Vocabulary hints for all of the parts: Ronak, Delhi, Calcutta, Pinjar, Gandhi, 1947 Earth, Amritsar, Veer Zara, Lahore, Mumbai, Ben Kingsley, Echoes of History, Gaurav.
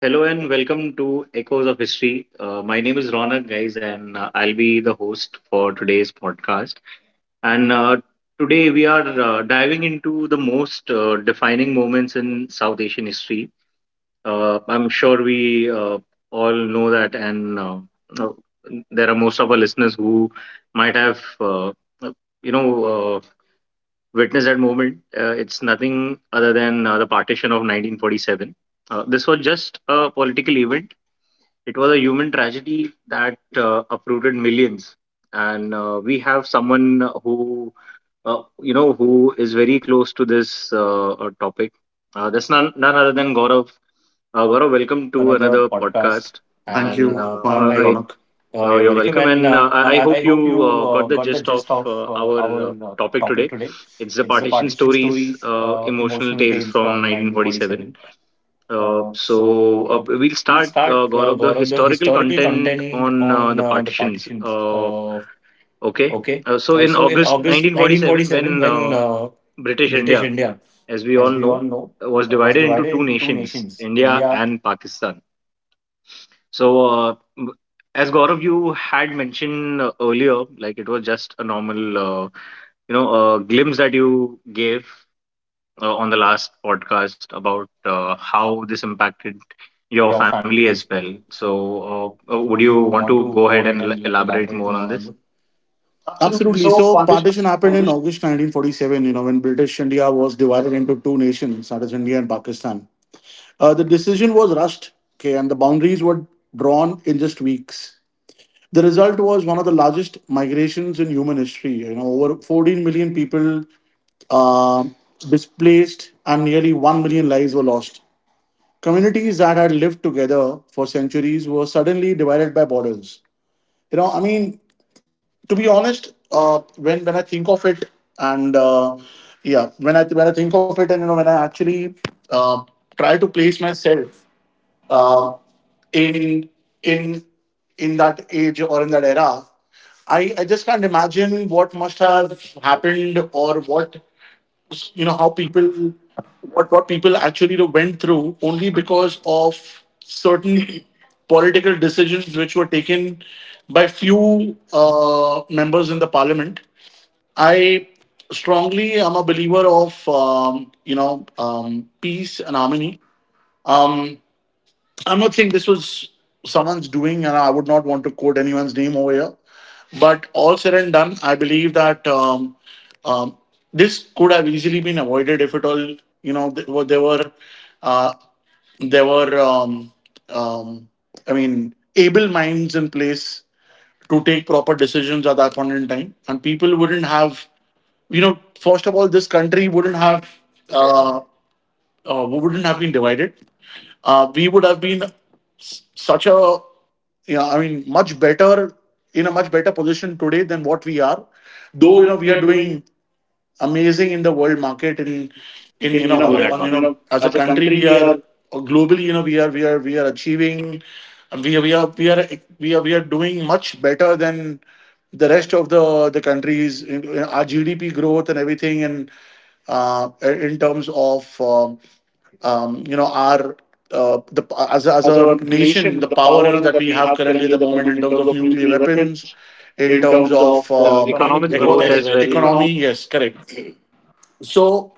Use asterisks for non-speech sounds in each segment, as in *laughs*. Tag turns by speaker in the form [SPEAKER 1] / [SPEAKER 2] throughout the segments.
[SPEAKER 1] Hello and welcome to Echoes of History. My name is Ronak, guys, and I'll be the host for today's podcast. And Today we are diving into the most defining moments in South Asian history. I'm sure we all know that, and uh, there are most of our listeners who might have, uh, you know, uh, witnessed that moment. It's nothing other than the partition of 1947. This was just a political event, it was a human tragedy that uprooted millions. And We have someone who, who is very close to this topic. That's none other than Gaurav. Gaurav, welcome
[SPEAKER 2] To
[SPEAKER 1] to another
[SPEAKER 2] another
[SPEAKER 1] podcast.
[SPEAKER 2] podcast. Thank
[SPEAKER 1] Thank
[SPEAKER 2] And
[SPEAKER 1] And
[SPEAKER 2] you
[SPEAKER 1] you.
[SPEAKER 2] for having me,
[SPEAKER 1] I,
[SPEAKER 2] Ronak.
[SPEAKER 1] You're
[SPEAKER 2] You're
[SPEAKER 1] welcome.
[SPEAKER 2] welcome.
[SPEAKER 1] And
[SPEAKER 2] And
[SPEAKER 1] I
[SPEAKER 2] I
[SPEAKER 1] I
[SPEAKER 2] I hope
[SPEAKER 1] hope
[SPEAKER 2] you
[SPEAKER 1] you got
[SPEAKER 2] got
[SPEAKER 1] the
[SPEAKER 2] the
[SPEAKER 1] gist
[SPEAKER 2] gist
[SPEAKER 1] of
[SPEAKER 2] of our
[SPEAKER 1] our
[SPEAKER 2] uh,
[SPEAKER 1] topic
[SPEAKER 2] topic
[SPEAKER 1] today.
[SPEAKER 2] today.
[SPEAKER 1] It's
[SPEAKER 2] It's
[SPEAKER 1] the
[SPEAKER 2] the partition
[SPEAKER 1] partition
[SPEAKER 2] stories,
[SPEAKER 1] stories,
[SPEAKER 2] emotional
[SPEAKER 1] emotional tales
[SPEAKER 2] tales
[SPEAKER 1] from
[SPEAKER 2] from
[SPEAKER 1] 1947.
[SPEAKER 2] 1947. Uh, so we'll
[SPEAKER 1] We'll
[SPEAKER 2] start,
[SPEAKER 1] start,
[SPEAKER 2] Gaurav,
[SPEAKER 1] Gaurav, the
[SPEAKER 2] the historical
[SPEAKER 1] historical content
[SPEAKER 2] content on
[SPEAKER 1] on the
[SPEAKER 2] the partitions.
[SPEAKER 1] partitions. Okay.
[SPEAKER 2] Okay.
[SPEAKER 1] Uh,
[SPEAKER 2] So
[SPEAKER 1] so in
[SPEAKER 2] in
[SPEAKER 1] August
[SPEAKER 2] August 1947,
[SPEAKER 1] 1947, when
[SPEAKER 2] when
[SPEAKER 1] British
[SPEAKER 2] British
[SPEAKER 1] India,
[SPEAKER 2] India,
[SPEAKER 1] as
[SPEAKER 2] as
[SPEAKER 1] we
[SPEAKER 2] we
[SPEAKER 1] all
[SPEAKER 2] all
[SPEAKER 1] know,
[SPEAKER 2] know,
[SPEAKER 1] was
[SPEAKER 2] was
[SPEAKER 1] divided
[SPEAKER 2] divided
[SPEAKER 1] into
[SPEAKER 2] into
[SPEAKER 1] two
[SPEAKER 2] two
[SPEAKER 1] nations,
[SPEAKER 2] nations,
[SPEAKER 1] India
[SPEAKER 2] India,
[SPEAKER 1] and Pakistan. So uh, m- as Gaurav, you had mentioned earlier, like it was just a normal, glimpse that you gave on the last podcast about how this impacted your
[SPEAKER 2] your
[SPEAKER 1] family
[SPEAKER 2] family
[SPEAKER 1] as
[SPEAKER 2] as
[SPEAKER 1] well.
[SPEAKER 2] well.
[SPEAKER 1] So,
[SPEAKER 2] So,
[SPEAKER 1] uh, uh, would
[SPEAKER 2] would
[SPEAKER 1] you
[SPEAKER 2] you
[SPEAKER 1] want
[SPEAKER 2] want
[SPEAKER 1] to
[SPEAKER 2] to
[SPEAKER 1] go
[SPEAKER 2] go
[SPEAKER 1] ahead
[SPEAKER 2] ahead
[SPEAKER 1] and
[SPEAKER 2] and
[SPEAKER 1] elaborate
[SPEAKER 2] elaborate
[SPEAKER 1] more on
[SPEAKER 2] more on
[SPEAKER 1] this?
[SPEAKER 2] that?
[SPEAKER 1] Absolutely.
[SPEAKER 2] Absolutely.
[SPEAKER 1] So
[SPEAKER 2] So
[SPEAKER 1] foundation,
[SPEAKER 2] partition happened
[SPEAKER 1] though
[SPEAKER 2] in August 1947, you know, when British India was divided into two nations, that is India and Pakistan. The decision was rushed, okay, and the boundaries were drawn in just weeks. The result was one of the largest migrations in human history. You know, over 14 million people uh, displaced, and nearly 1 million lives were lost. Communities that had lived together for centuries were suddenly divided by borders. You know, I mean, to be honest, when I think of it, and yeah, when I think of it. And you know, when I actually uh, try to place myself uh, in in in that age or in that era, I just can't imagine what must have happened, or what, you know, how people, what people actually went through, only because of certain political decisions which were taken by few members in the parliament. I strongly am a believer of you know, peace and harmony. Um, I'm not saying this was someone's doing, and I would not want to quote anyone's name over here. But all said and done, I believe that, um, this could have easily been avoided if at all, you know, there were, there were, uh, there were um, I mean, able minds in place to take proper decisions at that point in time, and people wouldn't have, you know, first of all, this country uh, wouldn't have been divided. Uh, we would have been s- such a yeah I mean, much better, in a much better position today than what we are,
[SPEAKER 1] you
[SPEAKER 2] though, you
[SPEAKER 1] know,
[SPEAKER 2] know,
[SPEAKER 1] we
[SPEAKER 2] we
[SPEAKER 1] are
[SPEAKER 2] are
[SPEAKER 1] doing
[SPEAKER 2] doing amazing in the world market, in
[SPEAKER 1] in
[SPEAKER 2] in
[SPEAKER 1] you
[SPEAKER 2] you
[SPEAKER 1] know
[SPEAKER 2] know,
[SPEAKER 1] Do that
[SPEAKER 2] Right. on,
[SPEAKER 1] one. You
[SPEAKER 2] you
[SPEAKER 1] know
[SPEAKER 2] know, as
[SPEAKER 1] as
[SPEAKER 2] a
[SPEAKER 1] a
[SPEAKER 2] country
[SPEAKER 1] country
[SPEAKER 2] we
[SPEAKER 1] we are
[SPEAKER 2] are, or globally, you know, we are achieving, we are we are we are we are doing much better than the rest of the countries in our gdp growth and everything. And in terms of you know, our the,
[SPEAKER 1] the
[SPEAKER 2] as as
[SPEAKER 1] as a
[SPEAKER 2] a nation,
[SPEAKER 1] nation
[SPEAKER 2] the
[SPEAKER 1] the power
[SPEAKER 2] power, you
[SPEAKER 1] you
[SPEAKER 2] know,
[SPEAKER 1] know
[SPEAKER 2] that
[SPEAKER 1] that
[SPEAKER 2] we
[SPEAKER 1] we
[SPEAKER 2] have
[SPEAKER 1] have
[SPEAKER 2] currently
[SPEAKER 1] currently
[SPEAKER 2] at
[SPEAKER 1] at
[SPEAKER 2] the
[SPEAKER 1] the
[SPEAKER 2] moment
[SPEAKER 1] moment
[SPEAKER 2] in
[SPEAKER 1] in
[SPEAKER 2] terms
[SPEAKER 1] terms
[SPEAKER 2] of
[SPEAKER 1] of
[SPEAKER 2] nuclear
[SPEAKER 1] nuclear
[SPEAKER 2] weapons,
[SPEAKER 1] weapons
[SPEAKER 2] in
[SPEAKER 1] in
[SPEAKER 2] terms
[SPEAKER 1] terms of
[SPEAKER 2] of
[SPEAKER 1] Economic
[SPEAKER 2] economic growth
[SPEAKER 1] growth economic
[SPEAKER 2] as
[SPEAKER 1] as
[SPEAKER 2] well.
[SPEAKER 1] well. Economic
[SPEAKER 2] Economy, yes, correct. So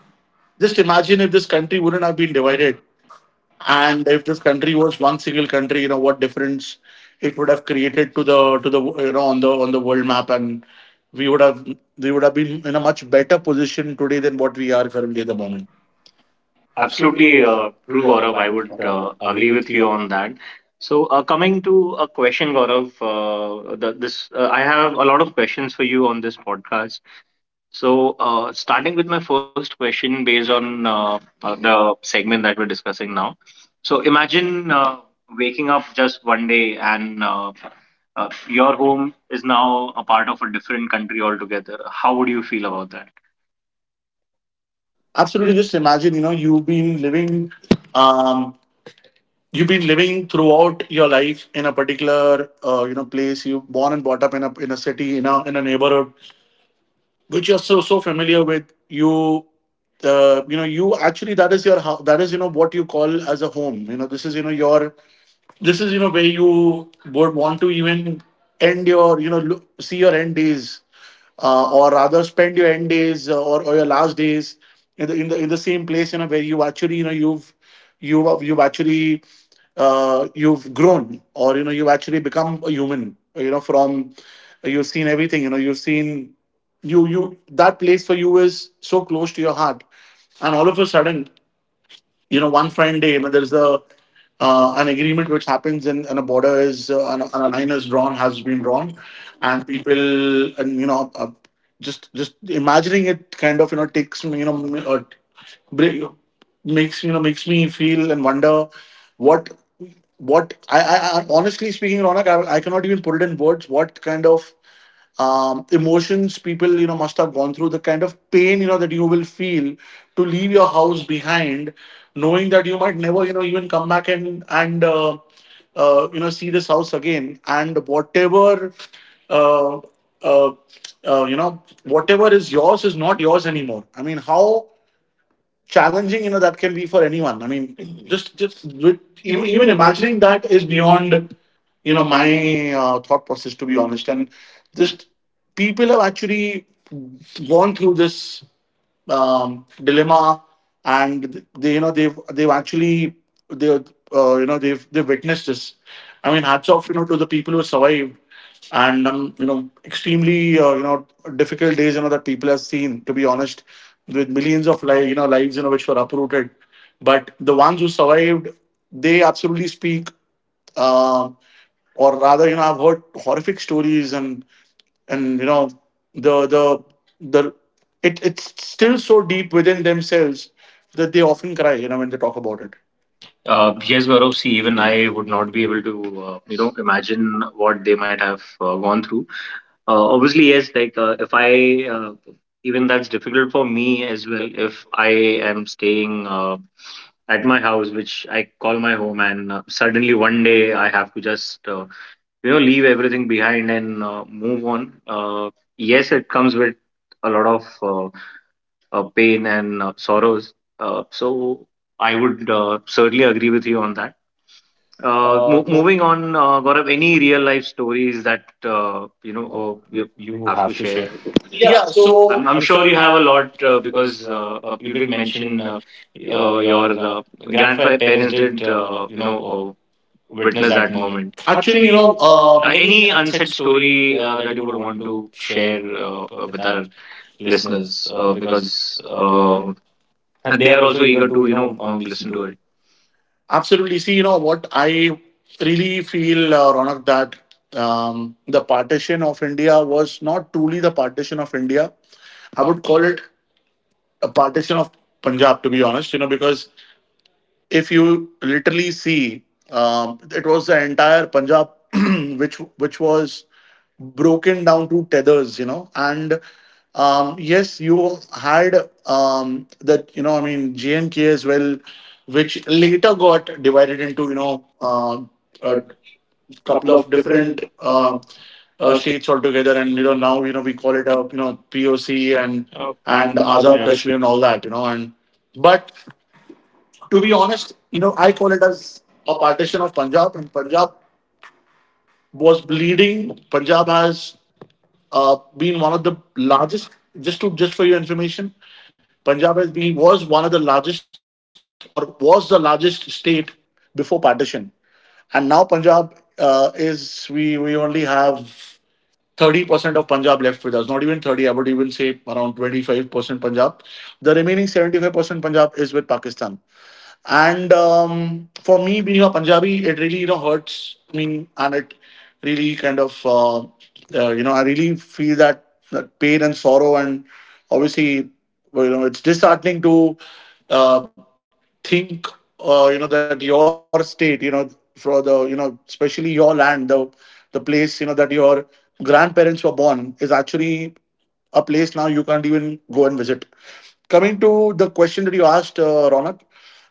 [SPEAKER 2] just imagine if this country wouldn't have been divided, and if this country was one single country, you know what difference it would have created to the you know, on the world map. And we would have, we would have been in a much better position today than what we are currently
[SPEAKER 1] currently
[SPEAKER 2] at
[SPEAKER 1] at
[SPEAKER 2] the
[SPEAKER 1] the moment.
[SPEAKER 2] moment. Absolutely,
[SPEAKER 1] Absolutely
[SPEAKER 2] true,
[SPEAKER 1] true,
[SPEAKER 2] Gaurav.
[SPEAKER 1] Gaurav.
[SPEAKER 2] I
[SPEAKER 1] I
[SPEAKER 2] would
[SPEAKER 1] would
[SPEAKER 2] agree
[SPEAKER 1] agree
[SPEAKER 2] with
[SPEAKER 1] with
[SPEAKER 2] you.
[SPEAKER 1] you on that. So, coming to a question, Gaurav, this I have a lot of questions for you on this podcast. So, starting with my first question, based on the segment that we're discussing now. So, imagine waking up just one day and your home is now a part of a different country altogether. How would you feel about that?
[SPEAKER 2] Absolutely. Just imagine, you know, um, you've been living throughout your life in a particular, you know, place. You born and brought up in a city, in a neighborhood, which you're so familiar with. You, you know, you actually, that is your that is, you know, what you call as a home. You know, this is, you know, your, this is, you know, where you would want to even end your, you know, see your end days, or rather spend your end days, or your last days, in the same place, you know, where you actually, you know, you've actually, you've grown, or you know, you've actually become a human, you know, from, you've seen everything, you know, you've seen, you, that place for you is so close to your heart. And all of a sudden, you know, one fine day, when there's a an agreement which happens, and a border is, and a line is drawn, has been drawn, and people, and, you know, just imagining it kind of, you know, takes me, you know, bri- makes, you know, makes me feel and wonder what, what I, I, I, honestly speaking, Ronak, I cannot even put it in words what kind of emotions people, you know, must have gone through, the kind of pain, you know, that you will feel, to leave your house behind, knowing that you might never, you know, even come back and you know, see this house again, and whatever uh, uh, you know, whatever is yours is not yours anymore. I mean, how challenging, you know, that can be for anyone. I mean, just just with,
[SPEAKER 1] Even, even
[SPEAKER 2] even
[SPEAKER 1] imagining
[SPEAKER 2] imagining
[SPEAKER 1] that
[SPEAKER 2] that
[SPEAKER 1] is
[SPEAKER 2] is
[SPEAKER 1] beyond
[SPEAKER 2] beyond,
[SPEAKER 1] you
[SPEAKER 2] you know,
[SPEAKER 1] know my
[SPEAKER 2] my thought
[SPEAKER 1] just
[SPEAKER 2] process,
[SPEAKER 1] to
[SPEAKER 2] to
[SPEAKER 1] be
[SPEAKER 2] be
[SPEAKER 1] honest,
[SPEAKER 2] honest.
[SPEAKER 1] and
[SPEAKER 2] And
[SPEAKER 1] just
[SPEAKER 2] just people have actually gone through this dilemma, and you know, they've actually, they you know, they've witnessed this. I mean, hats off, you know, to the people who survived. And you know, extremely you know, difficult days, you know, that people have seen, to be honest. With millions of lives, you know, lives which were uprooted, but the ones who survived, they absolutely speak. Uh, or rather, you know, I've heard horrific stories, and you know, the the the it's still so deep within themselves, that they often cry, you know, when they talk
[SPEAKER 1] talk
[SPEAKER 2] about
[SPEAKER 1] about it.
[SPEAKER 2] it. Yes,
[SPEAKER 1] Yes,
[SPEAKER 2] Gaurav,
[SPEAKER 1] Gaurav,
[SPEAKER 2] see,
[SPEAKER 1] see,
[SPEAKER 2] even
[SPEAKER 1] even
[SPEAKER 2] I
[SPEAKER 1] I
[SPEAKER 2] would
[SPEAKER 1] would
[SPEAKER 2] not
[SPEAKER 1] not
[SPEAKER 2] be.
[SPEAKER 1] be able to, imagine what they might have gone through. Obviously, yes, like if I, even that's difficult for me as well. If I am staying at my house, which I call my home, and suddenly one day I have to just, leave everything behind and move on. Yes, it comes with a lot of pain and sorrows. So I would certainly agree with you on that.
[SPEAKER 2] Uh, no
[SPEAKER 1] Moving on, Gaurav, any real life stories that
[SPEAKER 2] you know,
[SPEAKER 1] you
[SPEAKER 2] you
[SPEAKER 1] have
[SPEAKER 2] have
[SPEAKER 1] to
[SPEAKER 2] to
[SPEAKER 1] share?
[SPEAKER 2] share.
[SPEAKER 1] Yeah,
[SPEAKER 2] Yeah,
[SPEAKER 1] so
[SPEAKER 2] so
[SPEAKER 1] I'm
[SPEAKER 2] I'm
[SPEAKER 1] sure
[SPEAKER 2] sure you
[SPEAKER 1] you
[SPEAKER 2] have
[SPEAKER 1] have
[SPEAKER 2] a
[SPEAKER 1] a lot
[SPEAKER 2] lot, because
[SPEAKER 1] because
[SPEAKER 2] you
[SPEAKER 1] you
[SPEAKER 2] did
[SPEAKER 1] did
[SPEAKER 2] mention,
[SPEAKER 1] mention
[SPEAKER 2] your
[SPEAKER 1] your
[SPEAKER 2] grandparents
[SPEAKER 1] grandparents
[SPEAKER 2] did,
[SPEAKER 1] did
[SPEAKER 2] you know, witness
[SPEAKER 1] witness
[SPEAKER 2] that
[SPEAKER 1] that moment.
[SPEAKER 2] moment. Actually,
[SPEAKER 1] Actually,
[SPEAKER 2] you
[SPEAKER 1] you
[SPEAKER 2] know,
[SPEAKER 1] know,
[SPEAKER 2] any
[SPEAKER 1] any
[SPEAKER 2] unsaid
[SPEAKER 1] unsaid
[SPEAKER 2] story
[SPEAKER 1] story
[SPEAKER 2] that
[SPEAKER 1] that
[SPEAKER 2] you
[SPEAKER 1] you
[SPEAKER 2] would
[SPEAKER 1] would
[SPEAKER 2] want
[SPEAKER 1] want
[SPEAKER 2] to
[SPEAKER 1] to
[SPEAKER 2] share,
[SPEAKER 1] share
[SPEAKER 2] with
[SPEAKER 1] with
[SPEAKER 2] our
[SPEAKER 1] our
[SPEAKER 2] listeners?
[SPEAKER 1] listeners?
[SPEAKER 2] Because
[SPEAKER 1] Because and
[SPEAKER 2] They
[SPEAKER 1] they
[SPEAKER 2] are
[SPEAKER 1] are
[SPEAKER 2] also
[SPEAKER 1] also
[SPEAKER 2] eager
[SPEAKER 1] eager
[SPEAKER 2] to,
[SPEAKER 1] to
[SPEAKER 2] you
[SPEAKER 1] you
[SPEAKER 2] know,
[SPEAKER 1] know
[SPEAKER 2] listen
[SPEAKER 1] listen
[SPEAKER 2] to
[SPEAKER 1] to
[SPEAKER 2] it.
[SPEAKER 1] it.
[SPEAKER 2] Absolutely. See, you know what? I really feel, Ronak, that the partition of India was not truly the partition of India. I would call it a partition of Punjab, to be honest, you know, because if you literally see, it was the entire Punjab, *clears throat* which was broken down to tethers, you know. And yes, you had that, you know, I mean, JNK as well, which later got divided into, you know,
[SPEAKER 1] A
[SPEAKER 2] a couple
[SPEAKER 1] couple
[SPEAKER 2] of
[SPEAKER 1] of
[SPEAKER 2] different
[SPEAKER 1] different uh,
[SPEAKER 2] states altogether. And you know, now, you know, we call it, a, you know, POC
[SPEAKER 1] Oh.
[SPEAKER 2] and
[SPEAKER 1] And Azad
[SPEAKER 2] Azad
[SPEAKER 1] Yeah. Kashmir
[SPEAKER 2] Kashmir and all that, you know. And but to be honest, you know, I call it as a partition of Punjab, and Punjab was bleeding. Punjab has been one of the largest. Just to, just for your information, Punjab has been was one of the largest, or was the largest state before partition, and now Punjab is, we only have 30% of Punjab left with us, not even 30, I would even say around 25% Punjab. The remaining 75% Punjab is with Pakistan. And for me, being a Punjabi, it really, you know, hurts me. And it really kind of you know, I really feel that that pain and sorrow. And obviously, well, you know, it's disheartening to, uh, think, you know, that your state, you know, for the you know, especially your land, the place, you know, that your grandparents were born, is actually a place now you can't even go and visit. Coming to the question that you asked, Ronak.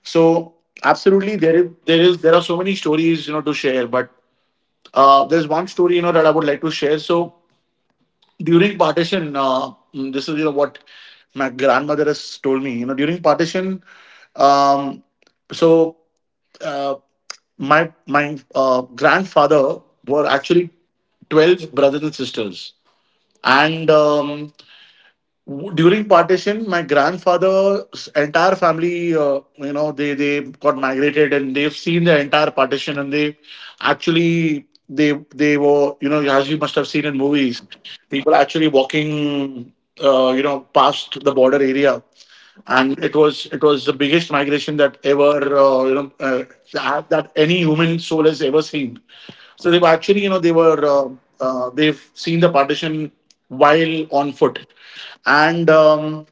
[SPEAKER 2] So absolutely, there are so many stories, you know, to share. But there's one story, you know, that I would like to share. So during partition, this is, you know, what my grandmother has told me. You know, during partition, um, so uh, my grandfather were actually 12 brothers and sisters. And during partition, my grandfather's entire family, you know, they got migrated, and they've seen the entire partition. And they actually, they were, you know, as you must have seen in movies, people actually walking you know, past the border area. And it was, it was the biggest migration that ever that any human soul has ever seen. So they were, actually, they've seen the partition while on foot. And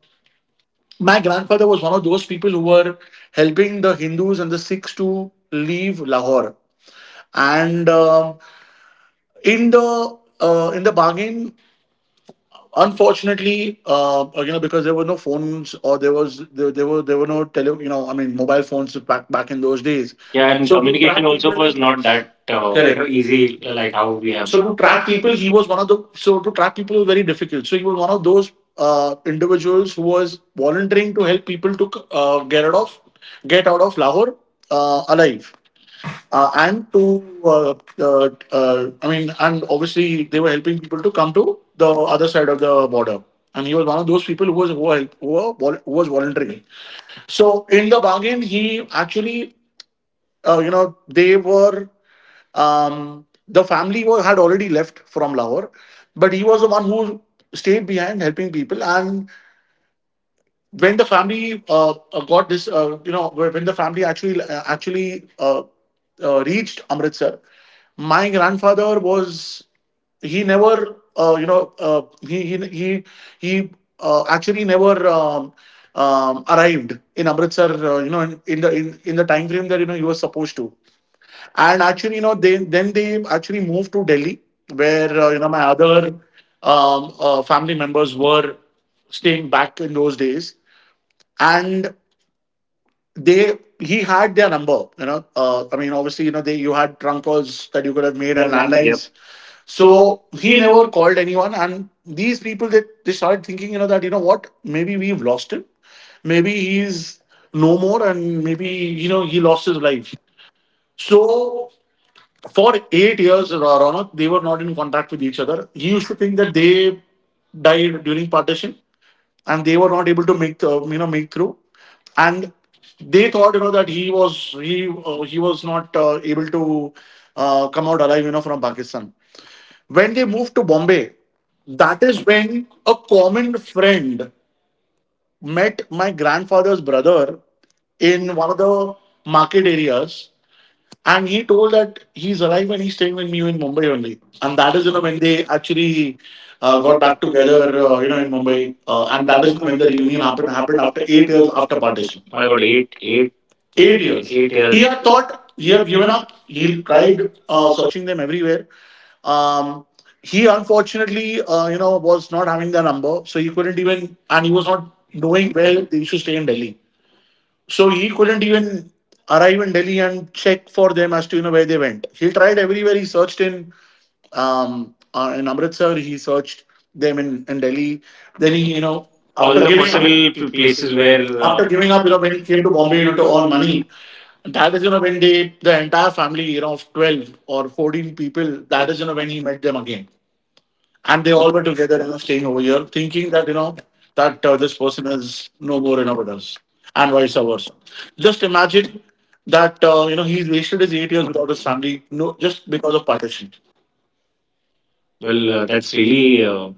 [SPEAKER 2] my grandfather was one of those people who were helping the Hindus and the Sikhs to leave Lahore. And in the bargain, unfortunately, because there were no phones, or there was, there were no tele-, I mean, mobile phones back in those days.
[SPEAKER 1] days.
[SPEAKER 2] Yeah,
[SPEAKER 1] Yeah,
[SPEAKER 2] and
[SPEAKER 1] and so
[SPEAKER 2] so to track
[SPEAKER 1] communication
[SPEAKER 2] communication, track also
[SPEAKER 1] also
[SPEAKER 2] people, was
[SPEAKER 1] was
[SPEAKER 2] not
[SPEAKER 1] not
[SPEAKER 2] that,
[SPEAKER 1] that
[SPEAKER 2] correct, easy
[SPEAKER 1] easy,
[SPEAKER 2] like
[SPEAKER 1] like how
[SPEAKER 2] how we
[SPEAKER 1] we
[SPEAKER 2] have.
[SPEAKER 1] have.
[SPEAKER 2] So
[SPEAKER 1] So to
[SPEAKER 2] to track
[SPEAKER 1] track
[SPEAKER 2] people,
[SPEAKER 1] people, he
[SPEAKER 2] he was one of the, so to track people was very difficult. So he was one of those individuals who was volunteering to help people to get out of Lahore, alive. Uh, and to, uh, I mean, and obviously they were helping people to come to the other side of the border. And he was one of those people who was who were, vol- who was volunteering. So in the bargain, he actually, you know, they were the family had already left from Lahore, but he was the one who stayed behind helping people. And when the family got this, when the family actually reached Amritsar. My grandfather was, he never he he actually never, arrived in Amritsar, in, in the time frame that, he was supposed to. And actually, they then they actually moved to Delhi, where, my other family members were staying back in those days. And they he had their number. I mean, obviously, you know they you had trunk calls that you could have made,
[SPEAKER 1] made
[SPEAKER 2] and
[SPEAKER 1] and landlines. Yep.
[SPEAKER 2] landlines. So
[SPEAKER 1] So
[SPEAKER 2] he
[SPEAKER 1] he
[SPEAKER 2] never
[SPEAKER 1] never
[SPEAKER 2] called anyone, and these people, they started thinking, that, what, maybe we've lost him, maybe he's no more, and maybe, he lost his life. So for 8 years, Ronak, they were not in contact with each other. He used to think that they died during partition, and they were not able to make through. And they thought, that he was not able to come out alive, from Pakistan. When they moved to Bombay, that is when a common friend met my grandfather's brother in one of the market areas, and he told that he's alive and he's staying with me in Mumbai only. And that is, when they actually got
[SPEAKER 1] got
[SPEAKER 2] back
[SPEAKER 1] back together,
[SPEAKER 2] together, in
[SPEAKER 1] in
[SPEAKER 2] Mumbai.
[SPEAKER 1] Mumbai,
[SPEAKER 2] And
[SPEAKER 1] and
[SPEAKER 2] that
[SPEAKER 1] that
[SPEAKER 2] is
[SPEAKER 1] is when
[SPEAKER 2] when the
[SPEAKER 1] the
[SPEAKER 2] reunion
[SPEAKER 1] reunion
[SPEAKER 2] happened,
[SPEAKER 1] happened.
[SPEAKER 2] happened
[SPEAKER 1] Happened
[SPEAKER 2] after
[SPEAKER 1] after
[SPEAKER 2] eight
[SPEAKER 1] eight
[SPEAKER 2] years
[SPEAKER 1] years
[SPEAKER 2] after
[SPEAKER 1] after
[SPEAKER 2] partition.
[SPEAKER 1] partition.
[SPEAKER 2] I
[SPEAKER 1] I
[SPEAKER 2] got
[SPEAKER 1] got eight,
[SPEAKER 2] eight, eight,
[SPEAKER 1] eight,
[SPEAKER 2] Eight
[SPEAKER 1] Eight
[SPEAKER 2] years.
[SPEAKER 1] years.
[SPEAKER 2] eight years. He
[SPEAKER 1] He
[SPEAKER 2] years. Had
[SPEAKER 1] had
[SPEAKER 2] thought.
[SPEAKER 1] thought.
[SPEAKER 2] He
[SPEAKER 1] He
[SPEAKER 2] had
[SPEAKER 1] had
[SPEAKER 2] given
[SPEAKER 1] given up.
[SPEAKER 2] up. He
[SPEAKER 1] He
[SPEAKER 2] tried
[SPEAKER 1] tried
[SPEAKER 2] searching them everywhere. Um, he, unfortunately, was not having the number. So he couldn't even, and he was not knowing where they used to stay in Delhi. So he couldn't even arrive in Delhi and check for them as to, where they went. He tried everywhere. He searched in Amritsar. He searched them in Delhi. Then
[SPEAKER 1] Then he,
[SPEAKER 2] he,
[SPEAKER 1] you know,
[SPEAKER 2] all
[SPEAKER 1] all
[SPEAKER 2] after the
[SPEAKER 1] after the giving up
[SPEAKER 2] giving up
[SPEAKER 1] possible
[SPEAKER 2] possible places
[SPEAKER 1] places
[SPEAKER 2] where,
[SPEAKER 1] where
[SPEAKER 2] after
[SPEAKER 1] after
[SPEAKER 2] giving
[SPEAKER 1] giving
[SPEAKER 2] up,
[SPEAKER 1] up, you know,
[SPEAKER 2] when
[SPEAKER 1] when
[SPEAKER 2] he
[SPEAKER 1] he
[SPEAKER 2] came
[SPEAKER 1] came
[SPEAKER 2] to
[SPEAKER 1] to
[SPEAKER 2] Bombay,
[SPEAKER 1] Bombay, you know,
[SPEAKER 2] to
[SPEAKER 1] to
[SPEAKER 2] earn
[SPEAKER 1] earn
[SPEAKER 2] money.
[SPEAKER 1] money.
[SPEAKER 2] That is, when they, the entire family, of 12 or 14 people, that is, when he met them again, and they all were together, staying over here, thinking that, that, this person is no more, with us, and vice versa. Just imagine that, he's wasted his 8 years without his family, no, just because of partition.
[SPEAKER 1] Well
[SPEAKER 2] Well,
[SPEAKER 1] that's
[SPEAKER 2] that's
[SPEAKER 1] really
[SPEAKER 2] really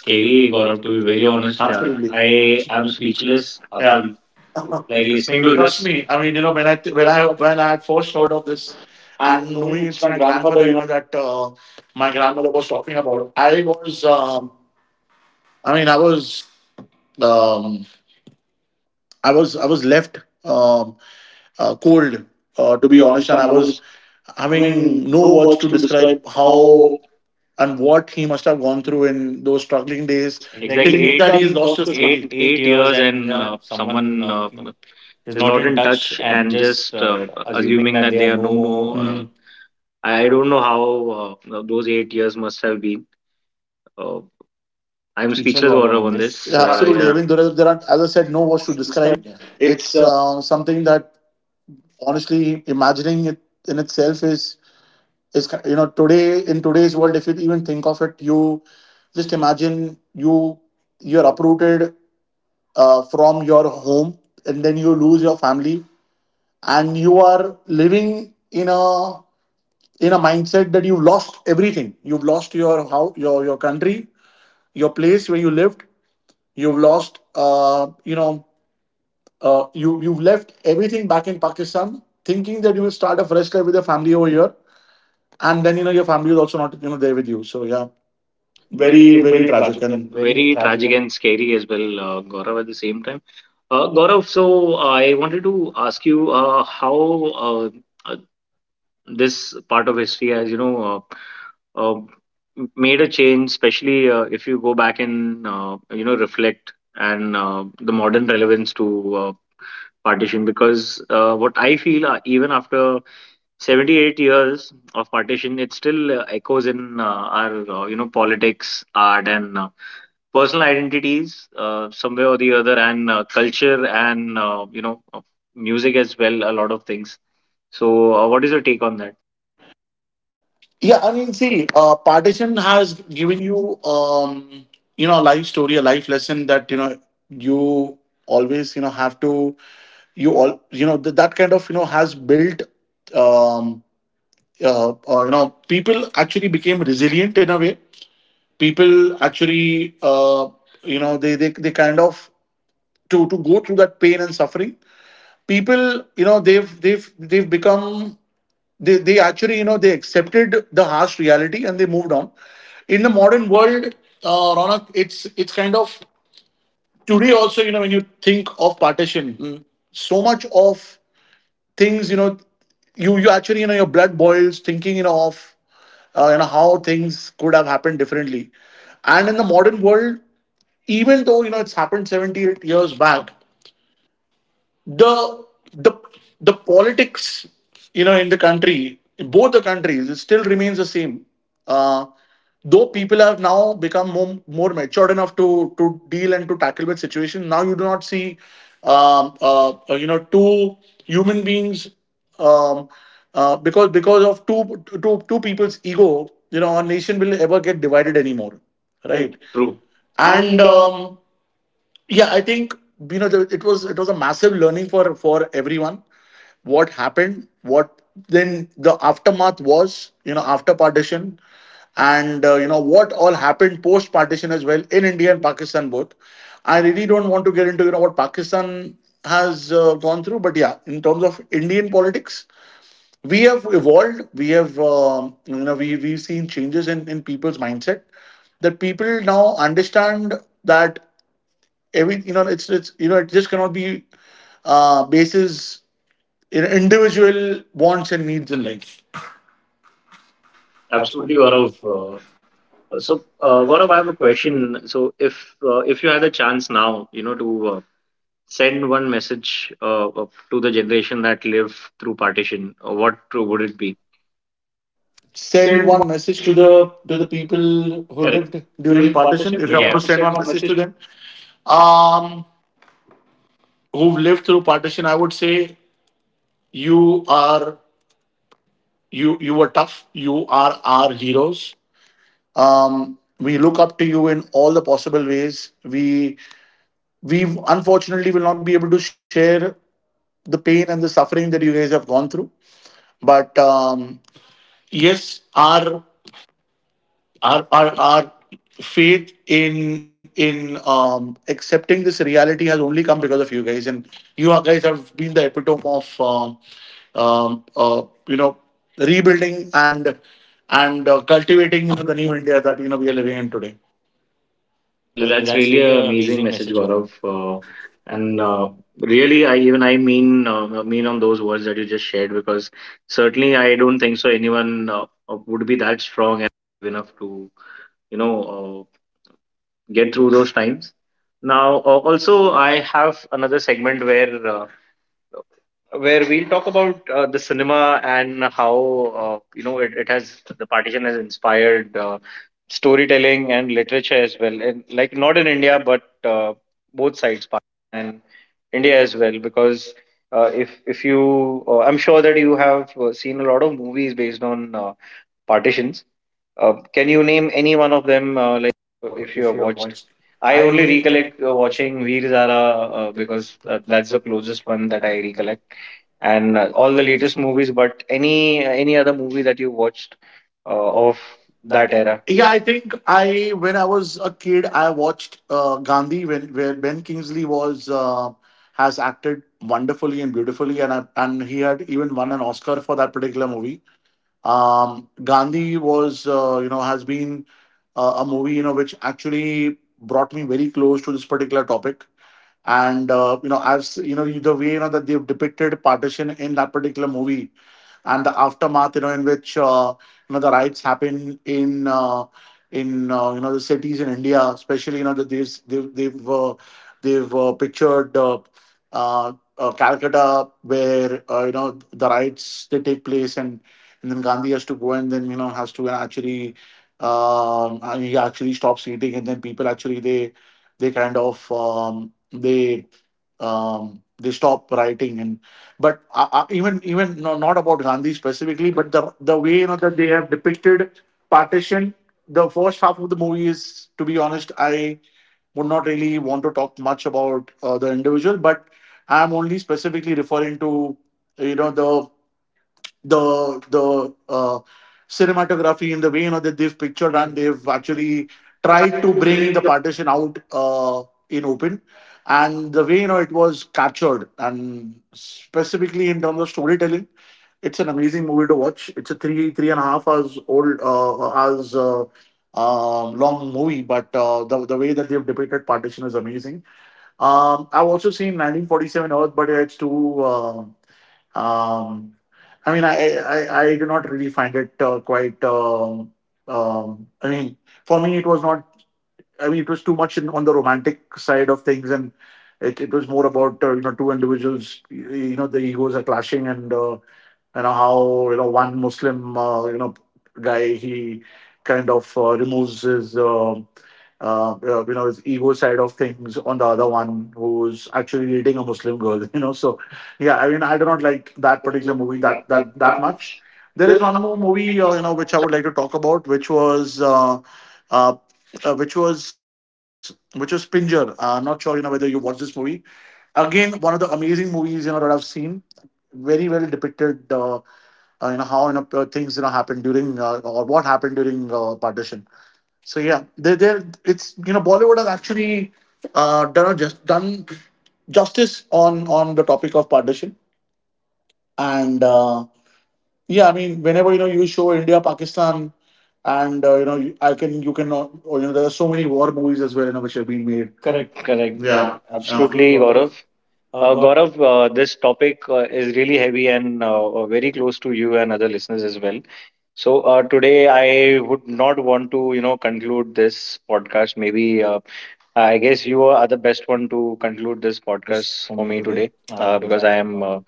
[SPEAKER 1] scary, Gaurav,
[SPEAKER 2] Gaurav,
[SPEAKER 1] to
[SPEAKER 2] to
[SPEAKER 1] be
[SPEAKER 2] be very
[SPEAKER 1] very
[SPEAKER 2] honest.
[SPEAKER 1] honest.
[SPEAKER 2] Absolutely,
[SPEAKER 1] Absolutely.
[SPEAKER 2] I
[SPEAKER 1] I
[SPEAKER 2] am
[SPEAKER 1] am speechless
[SPEAKER 2] speechless,
[SPEAKER 1] after
[SPEAKER 2] yeah.
[SPEAKER 1] yeah.
[SPEAKER 2] Like
[SPEAKER 1] Like
[SPEAKER 2] listening
[SPEAKER 1] listening
[SPEAKER 2] to
[SPEAKER 1] to
[SPEAKER 2] it.
[SPEAKER 1] this.
[SPEAKER 2] Trust
[SPEAKER 1] Trust this.
[SPEAKER 2] me,
[SPEAKER 1] Me,
[SPEAKER 2] I
[SPEAKER 1] I
[SPEAKER 2] mean,
[SPEAKER 1] mean, you know,
[SPEAKER 2] when I th-
[SPEAKER 1] when
[SPEAKER 2] when I
[SPEAKER 1] I
[SPEAKER 2] had first
[SPEAKER 1] first saw
[SPEAKER 2] heard of this.
[SPEAKER 1] and
[SPEAKER 2] And
[SPEAKER 1] knowing
[SPEAKER 2] knowing
[SPEAKER 1] it's
[SPEAKER 2] it's
[SPEAKER 1] my
[SPEAKER 2] my
[SPEAKER 1] grandfather,
[SPEAKER 2] grandfather,
[SPEAKER 1] you
[SPEAKER 2] that my grandmother was talking about. I was. I mean, I was, um, I was left, um, cold,
[SPEAKER 1] know,
[SPEAKER 2] to
[SPEAKER 1] to
[SPEAKER 2] be
[SPEAKER 1] be
[SPEAKER 2] honest,
[SPEAKER 1] honest,
[SPEAKER 2] and I
[SPEAKER 1] and I
[SPEAKER 2] was
[SPEAKER 1] was, I mean,
[SPEAKER 2] having no
[SPEAKER 1] no
[SPEAKER 2] words
[SPEAKER 1] words
[SPEAKER 2] to
[SPEAKER 1] to
[SPEAKER 2] describe
[SPEAKER 1] describe how
[SPEAKER 2] how and what he must have gone through in those struggling
[SPEAKER 1] struggling
[SPEAKER 2] days.
[SPEAKER 1] days.
[SPEAKER 2] Exactly,
[SPEAKER 1] Exactly
[SPEAKER 2] thinking
[SPEAKER 1] thinking
[SPEAKER 2] eight,
[SPEAKER 1] eight
[SPEAKER 2] that he
[SPEAKER 1] that
[SPEAKER 2] has
[SPEAKER 1] he's
[SPEAKER 2] lost
[SPEAKER 1] lost
[SPEAKER 2] his
[SPEAKER 1] his
[SPEAKER 2] eight,
[SPEAKER 1] family.
[SPEAKER 2] family.
[SPEAKER 1] eight
[SPEAKER 2] eight
[SPEAKER 1] eight
[SPEAKER 2] years,
[SPEAKER 1] years
[SPEAKER 2] And yeah,
[SPEAKER 1] and yeah.
[SPEAKER 2] someone,
[SPEAKER 1] Someone
[SPEAKER 2] is
[SPEAKER 1] is
[SPEAKER 2] not
[SPEAKER 1] not
[SPEAKER 2] in
[SPEAKER 1] in touch
[SPEAKER 2] touch, and
[SPEAKER 1] and
[SPEAKER 2] just,
[SPEAKER 1] just
[SPEAKER 2] assuming
[SPEAKER 1] assuming
[SPEAKER 2] that
[SPEAKER 1] that
[SPEAKER 2] they
[SPEAKER 1] they
[SPEAKER 2] are
[SPEAKER 1] are
[SPEAKER 2] no
[SPEAKER 1] no more.
[SPEAKER 2] more.
[SPEAKER 1] Mm.
[SPEAKER 2] Mm.
[SPEAKER 1] I don't know how those 8 years must have been. Uh,
[SPEAKER 2] I'm
[SPEAKER 1] I'm
[SPEAKER 2] speechless,
[SPEAKER 1] speechless,
[SPEAKER 2] Gaurav,
[SPEAKER 1] Gaurav,
[SPEAKER 2] on
[SPEAKER 1] on
[SPEAKER 2] this.
[SPEAKER 1] this.
[SPEAKER 2] Yeah,
[SPEAKER 1] Yeah, uh,
[SPEAKER 2] absolutely. I
[SPEAKER 1] yeah. absolutely. I
[SPEAKER 2] mean,
[SPEAKER 1] mean,
[SPEAKER 2] as I
[SPEAKER 1] as I
[SPEAKER 2] said,
[SPEAKER 1] said,
[SPEAKER 2] no
[SPEAKER 1] no
[SPEAKER 2] words
[SPEAKER 1] more
[SPEAKER 2] to
[SPEAKER 1] to discuss.
[SPEAKER 2] describe. Yeah.
[SPEAKER 1] It's
[SPEAKER 2] It's something that, honestly, imagining it in itself is, today, in today's world, if you even think of it, you just imagine. You're uprooted, from your home, and then you lose your family, and you are living in a mindset that you've lost everything. You've lost your country, your place where you lived. You've lost, you've left everything back in Pakistan, thinking that you will start a fresh life with your family over here, and then, your family is also not, there with you. So yeah, very,
[SPEAKER 1] very,
[SPEAKER 2] very tragic, and very
[SPEAKER 1] very
[SPEAKER 2] tragic,
[SPEAKER 1] tragic
[SPEAKER 2] and
[SPEAKER 1] and scary as well, Gaurav, at the same time. Gaurav, so I wanted to ask you how uh, uh, this part of history has, uh, made a change, especially if you go back and you know reflect and the modern relevance to partition. Because what I feel, even after 78 years of partition, it still echoes in our you know politics, art, and personal identities somewhere or the other, and culture, and music as well. A lot of things. So, what is your take on that?
[SPEAKER 2] yeah, I mean, see, partition has given you, you know a life story, a life lesson, that, you always, have to, you all you know th- that kind of, has built, um people actually became resilient in a way. People, actually, they kind of, to go through that pain and suffering. People, they've become, they actually, they accepted the harsh reality and they moved on. In the modern world, Ronak, it's kind of, today also, when you think of partition, so much of things, you actually, your blood boils thinking, of, how things could have happened differently. And in the modern world, even though, it's happened 78 years back, the the the politics, in the country, in both the countries, it still remains the same. uh, though people have now become, more matured enough to deal and to tackle with situation. Now you do not see, two human beings, um, because, of two people's ego, our nation will ever get divided anymore, right?
[SPEAKER 1] Right?
[SPEAKER 2] True.
[SPEAKER 1] True,
[SPEAKER 2] And
[SPEAKER 1] and
[SPEAKER 2] yeah, I think, it was a massive learning for everyone. What happened what Then the aftermath was, after partition, and, what all happened post partition as well, in India and Pakistan both. I really don't want to get into, what Pakistan has gone through, but yeah, in terms of Indian politics, we have evolved. We have, we've seen changes in, people's mindset, that people now understand that, every you know it's it just cannot be basis, individual wants and needs in life. Absolutely,
[SPEAKER 1] absolutely, Gaurav.
[SPEAKER 2] Gaurav.
[SPEAKER 1] Uh,
[SPEAKER 2] So,
[SPEAKER 1] So, uh,
[SPEAKER 2] Gaurav, I
[SPEAKER 1] Gaurav,
[SPEAKER 2] have
[SPEAKER 1] I
[SPEAKER 2] a
[SPEAKER 1] have a
[SPEAKER 2] question.
[SPEAKER 1] question. So, if you had a chance now, you know, to send one message to the generation that lived through partition, what
[SPEAKER 2] Would
[SPEAKER 1] would
[SPEAKER 2] it
[SPEAKER 1] it
[SPEAKER 2] be?
[SPEAKER 1] be?
[SPEAKER 2] Send
[SPEAKER 1] Send one
[SPEAKER 2] one message to
[SPEAKER 1] to
[SPEAKER 2] the
[SPEAKER 1] the people
[SPEAKER 2] people
[SPEAKER 1] who
[SPEAKER 2] who, Correct,
[SPEAKER 1] correct. Lived
[SPEAKER 2] lived during
[SPEAKER 1] during
[SPEAKER 2] partition,
[SPEAKER 1] partnership.
[SPEAKER 2] if I,
[SPEAKER 1] If I
[SPEAKER 2] Yeah,
[SPEAKER 1] yeah.
[SPEAKER 2] want
[SPEAKER 1] Want
[SPEAKER 2] to
[SPEAKER 1] to
[SPEAKER 2] send
[SPEAKER 1] send
[SPEAKER 2] one
[SPEAKER 1] one
[SPEAKER 2] message
[SPEAKER 1] message,
[SPEAKER 2] to them, um who have lived through partition, I would say: you are, you were tough. You are our heroes. um we look up to you in all the possible ways. we we, unfortunately, will not be able to share the pain and the suffering that you guys have gone through, but yes, our, our faith in, accepting this reality has only come because of you guys. And you guys have been the epitome of, um, um, uh, you know rebuilding, and cultivating the new India that, we are living in today.
[SPEAKER 1] well,
[SPEAKER 2] Well,
[SPEAKER 1] that's
[SPEAKER 2] that's
[SPEAKER 1] really
[SPEAKER 2] really
[SPEAKER 1] an
[SPEAKER 2] an
[SPEAKER 1] amazing
[SPEAKER 2] amazing
[SPEAKER 1] message,
[SPEAKER 2] message,
[SPEAKER 1] Gaurav.
[SPEAKER 2] Gaurav. Uh,
[SPEAKER 1] And
[SPEAKER 2] and,
[SPEAKER 1] Really, I mean on those words that you just shared because certainly I don't think so anyone would be that strong enough to you know get through those times. Now, also, I have another segment where we'll talk about the cinema and how you know it has the partition has inspired storytelling and literature as well, and like not in India but both sides, Pakistan and India as well, because. If you, I'm sure that you have seen a lot of movies based on partitions can you name any one of them? Like if you
[SPEAKER 2] if
[SPEAKER 1] have
[SPEAKER 2] you have
[SPEAKER 1] watched,
[SPEAKER 2] watched.
[SPEAKER 1] I
[SPEAKER 2] I
[SPEAKER 1] only
[SPEAKER 2] only
[SPEAKER 1] recollect
[SPEAKER 2] recollect watching
[SPEAKER 1] watching
[SPEAKER 2] Veer
[SPEAKER 1] Veer Zara
[SPEAKER 2] Zara, because
[SPEAKER 1] because
[SPEAKER 2] that's
[SPEAKER 1] that's
[SPEAKER 2] the
[SPEAKER 1] the
[SPEAKER 2] closest
[SPEAKER 1] closest
[SPEAKER 2] one
[SPEAKER 1] one
[SPEAKER 2] that
[SPEAKER 1] that
[SPEAKER 2] I
[SPEAKER 1] I
[SPEAKER 2] recollect,
[SPEAKER 1] recollect,
[SPEAKER 2] and
[SPEAKER 1] and
[SPEAKER 2] all
[SPEAKER 1] all
[SPEAKER 2] the
[SPEAKER 1] the
[SPEAKER 2] latest
[SPEAKER 1] latest
[SPEAKER 2] movies,
[SPEAKER 1] movies. But any other movie that you watched
[SPEAKER 2] of
[SPEAKER 1] of
[SPEAKER 2] that
[SPEAKER 1] that
[SPEAKER 2] era.
[SPEAKER 1] era?
[SPEAKER 2] Yeah,
[SPEAKER 1] Yeah,
[SPEAKER 2] I think, I when I was a kid, I watched, Gandhi, when where Ben Kingsley was has acted wonderfully and beautifully, and, he had even won an Oscar for that particular movie. Gandhi was, has been, a movie, which actually brought me very close to this particular topic. And you know the way you know that they've depicted partition in that particular movie and the aftermath, in which you know the riots happen in you know the cities in India, especially you know that they've pictured Calcutta where you know the riots they take place, and then Gandhi has to go and then you know has to actually, and he actually stops eating, and then people actually they kind of they they stop writing. And but even no, not about Gandhi specifically, but the way you know that they have depicted partition. The first half of the movie is, to be honest, I would not really want to talk much about the individual, but I'm only specifically referring to you know the cinematography and the way you know that they've pictured
[SPEAKER 1] picture
[SPEAKER 2] and
[SPEAKER 1] Hmm.
[SPEAKER 2] they've
[SPEAKER 1] They actually
[SPEAKER 2] actually tried to
[SPEAKER 1] tried to
[SPEAKER 2] bring the
[SPEAKER 1] bring the,
[SPEAKER 2] partition out, in open, and the way you know it was captured, and specifically in terms of storytelling, it's an amazing movie to watch. It's a three and a half hours old hours long movie, but the way that they've depicted partition is amazing. I've also seen 1947 Earth, but it's too um, I mean, I do not really find it quite. I mean, for me, it was not. I mean, it was too much in, on the romantic side of things, and it was more about you know two individuals. The egos are clashing, and you know how you know one Muslim, you know guy, he kind of removes his you know his ego side of things on the other one, who's actually dating a Muslim girl. *laughs* You know, so yeah, I mean, I do not like
[SPEAKER 1] that,
[SPEAKER 2] that
[SPEAKER 1] that
[SPEAKER 2] particular
[SPEAKER 1] particular
[SPEAKER 2] movie
[SPEAKER 1] movie
[SPEAKER 2] that
[SPEAKER 1] that that
[SPEAKER 2] that that
[SPEAKER 1] that
[SPEAKER 2] much.
[SPEAKER 1] much.
[SPEAKER 2] There
[SPEAKER 1] There
[SPEAKER 2] is
[SPEAKER 1] is
[SPEAKER 2] one
[SPEAKER 1] one
[SPEAKER 2] more
[SPEAKER 1] more
[SPEAKER 2] movie,
[SPEAKER 1] movie
[SPEAKER 2] you know which I
[SPEAKER 1] which
[SPEAKER 2] would like to talk about, which was. Uh, which was *Pinjar*. Not sure you know whether you watched this movie. Again, one of the amazing movies you know that I've seen. Very well depicted, you know how you know things you know happened during, or what happened during partition. So yeah, they it's you know Bollywood has actually done justice on the topic of partition. And yeah, I mean, whenever you know you show India Pakistan and you know I can you can, or, you know there are so many war movies as well, you know which have been
[SPEAKER 1] I
[SPEAKER 2] made.
[SPEAKER 1] made. Correct,
[SPEAKER 2] Correct, correct.
[SPEAKER 1] correct. Yeah,
[SPEAKER 2] Yeah,
[SPEAKER 1] yeah.
[SPEAKER 2] yeah. Absolutely,
[SPEAKER 1] Absolutely,
[SPEAKER 2] Gaurav.
[SPEAKER 1] Gaurav.
[SPEAKER 2] Uh,
[SPEAKER 1] Gaurav, this topic is really heavy and very close to you and other listeners as well. So today, I would not want to, you know, conclude this podcast. Maybe I guess you are the best one to conclude this
[SPEAKER 2] Podcast
[SPEAKER 1] podcast
[SPEAKER 2] for
[SPEAKER 1] for
[SPEAKER 2] me
[SPEAKER 1] me
[SPEAKER 2] today,
[SPEAKER 1] today
[SPEAKER 2] because
[SPEAKER 1] because
[SPEAKER 2] I
[SPEAKER 1] I
[SPEAKER 2] am,
[SPEAKER 1] am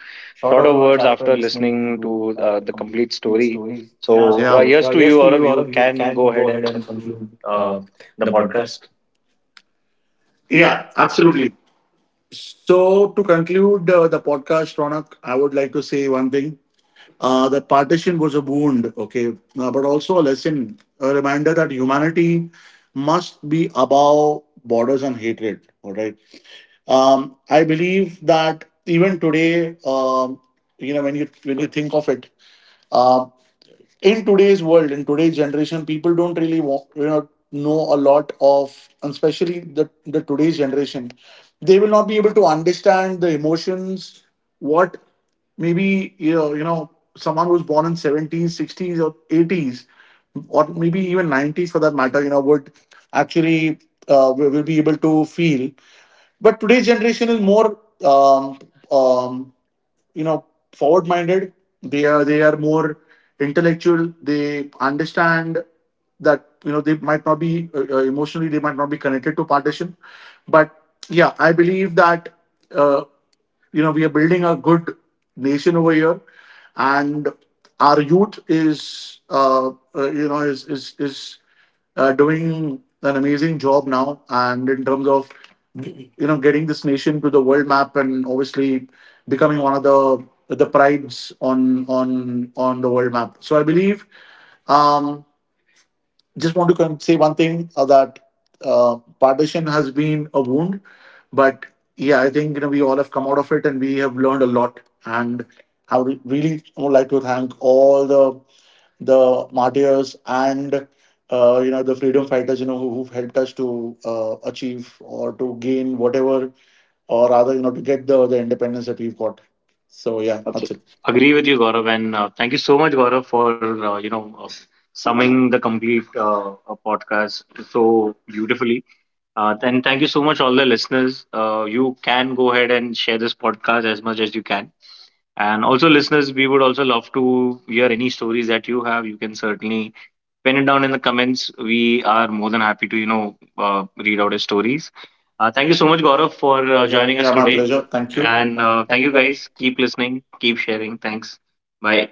[SPEAKER 1] short
[SPEAKER 2] short
[SPEAKER 1] of
[SPEAKER 2] of
[SPEAKER 1] words
[SPEAKER 2] words
[SPEAKER 1] after
[SPEAKER 2] after
[SPEAKER 1] listening
[SPEAKER 2] listening to
[SPEAKER 1] to the
[SPEAKER 2] the complete
[SPEAKER 1] complete
[SPEAKER 2] story.
[SPEAKER 1] story.
[SPEAKER 2] So,
[SPEAKER 1] So
[SPEAKER 2] yeah.
[SPEAKER 1] uh,
[SPEAKER 2] Yes
[SPEAKER 1] yes
[SPEAKER 2] to
[SPEAKER 1] to you,
[SPEAKER 2] you,
[SPEAKER 1] Gaurav.
[SPEAKER 2] Aurav. You
[SPEAKER 1] You
[SPEAKER 2] can
[SPEAKER 1] can
[SPEAKER 2] go
[SPEAKER 1] go ahead
[SPEAKER 2] ahead
[SPEAKER 1] and
[SPEAKER 2] and
[SPEAKER 1] conclude
[SPEAKER 2] conclude
[SPEAKER 1] uh,
[SPEAKER 2] the
[SPEAKER 1] the podcast.
[SPEAKER 2] podcast. Yeah,
[SPEAKER 1] Yeah, absolutely.
[SPEAKER 2] absolutely. So, to conclude the podcast, Ronak, I would like to say one thing. That partition was a wound, okay, but also a lesson, a reminder that humanity must be above borders and hatred, all right? I believe that even today, when you think of it, um, in today's world, in today's generation, people don't really want, you know a lot of, and especially the today's generation, they will not be able to understand the emotions. What maybe someone who's born in seventies, sixties, or eighties, or maybe even nineties for that matter, you know, would actually will be able to feel, but today's generation is more, um, you know, forward-minded. They are more intellectual. They understand that you know they might not be emotionally, they might not be connected to partition, but yeah, I believe that uh, you know we are building a good nation over here, and our youth is, you know is doing an amazing job now, and in terms of you know getting this nation to the world map, and obviously becoming one of the prides on on the world map. So I believe, um just want to say one thing, that partition has been a wound, but yeah, I think you know we all have come out of it, and we have learned a lot. And I would really would like to thank all the martyrs, and you know the freedom fighters, you know who've helped us to achieve or to gain whatever, or rather, you know, to get the independence that we've got.
[SPEAKER 1] So
[SPEAKER 2] So
[SPEAKER 1] yeah,
[SPEAKER 2] yeah, that's
[SPEAKER 1] absolutely.
[SPEAKER 2] it.
[SPEAKER 1] Agree with you, Gaurav, and thank you so much, Gaurav, for uh, you know uh, summing the complete podcast so beautifully. And thank you so much, all the listeners. You can go ahead and share this podcast as much as you can. And also, listeners, we would also love to hear any stories that you have. You can certainly pin it down in the comments. We are more than happy to, you know, read out his stories. Thank you so much, Gaurav,
[SPEAKER 2] For
[SPEAKER 1] for
[SPEAKER 2] joining
[SPEAKER 1] joining
[SPEAKER 2] us.
[SPEAKER 1] us
[SPEAKER 2] Yeah,
[SPEAKER 1] Yeah,
[SPEAKER 2] my today.
[SPEAKER 1] today.
[SPEAKER 2] Pleasure.
[SPEAKER 1] Anuj, thank
[SPEAKER 2] Thank
[SPEAKER 1] you.
[SPEAKER 2] you. And
[SPEAKER 1] And uh,
[SPEAKER 2] thank
[SPEAKER 1] thank
[SPEAKER 2] you
[SPEAKER 1] you
[SPEAKER 2] guys.
[SPEAKER 1] guys. Keep listening, keep sharing. Thanks. Bye.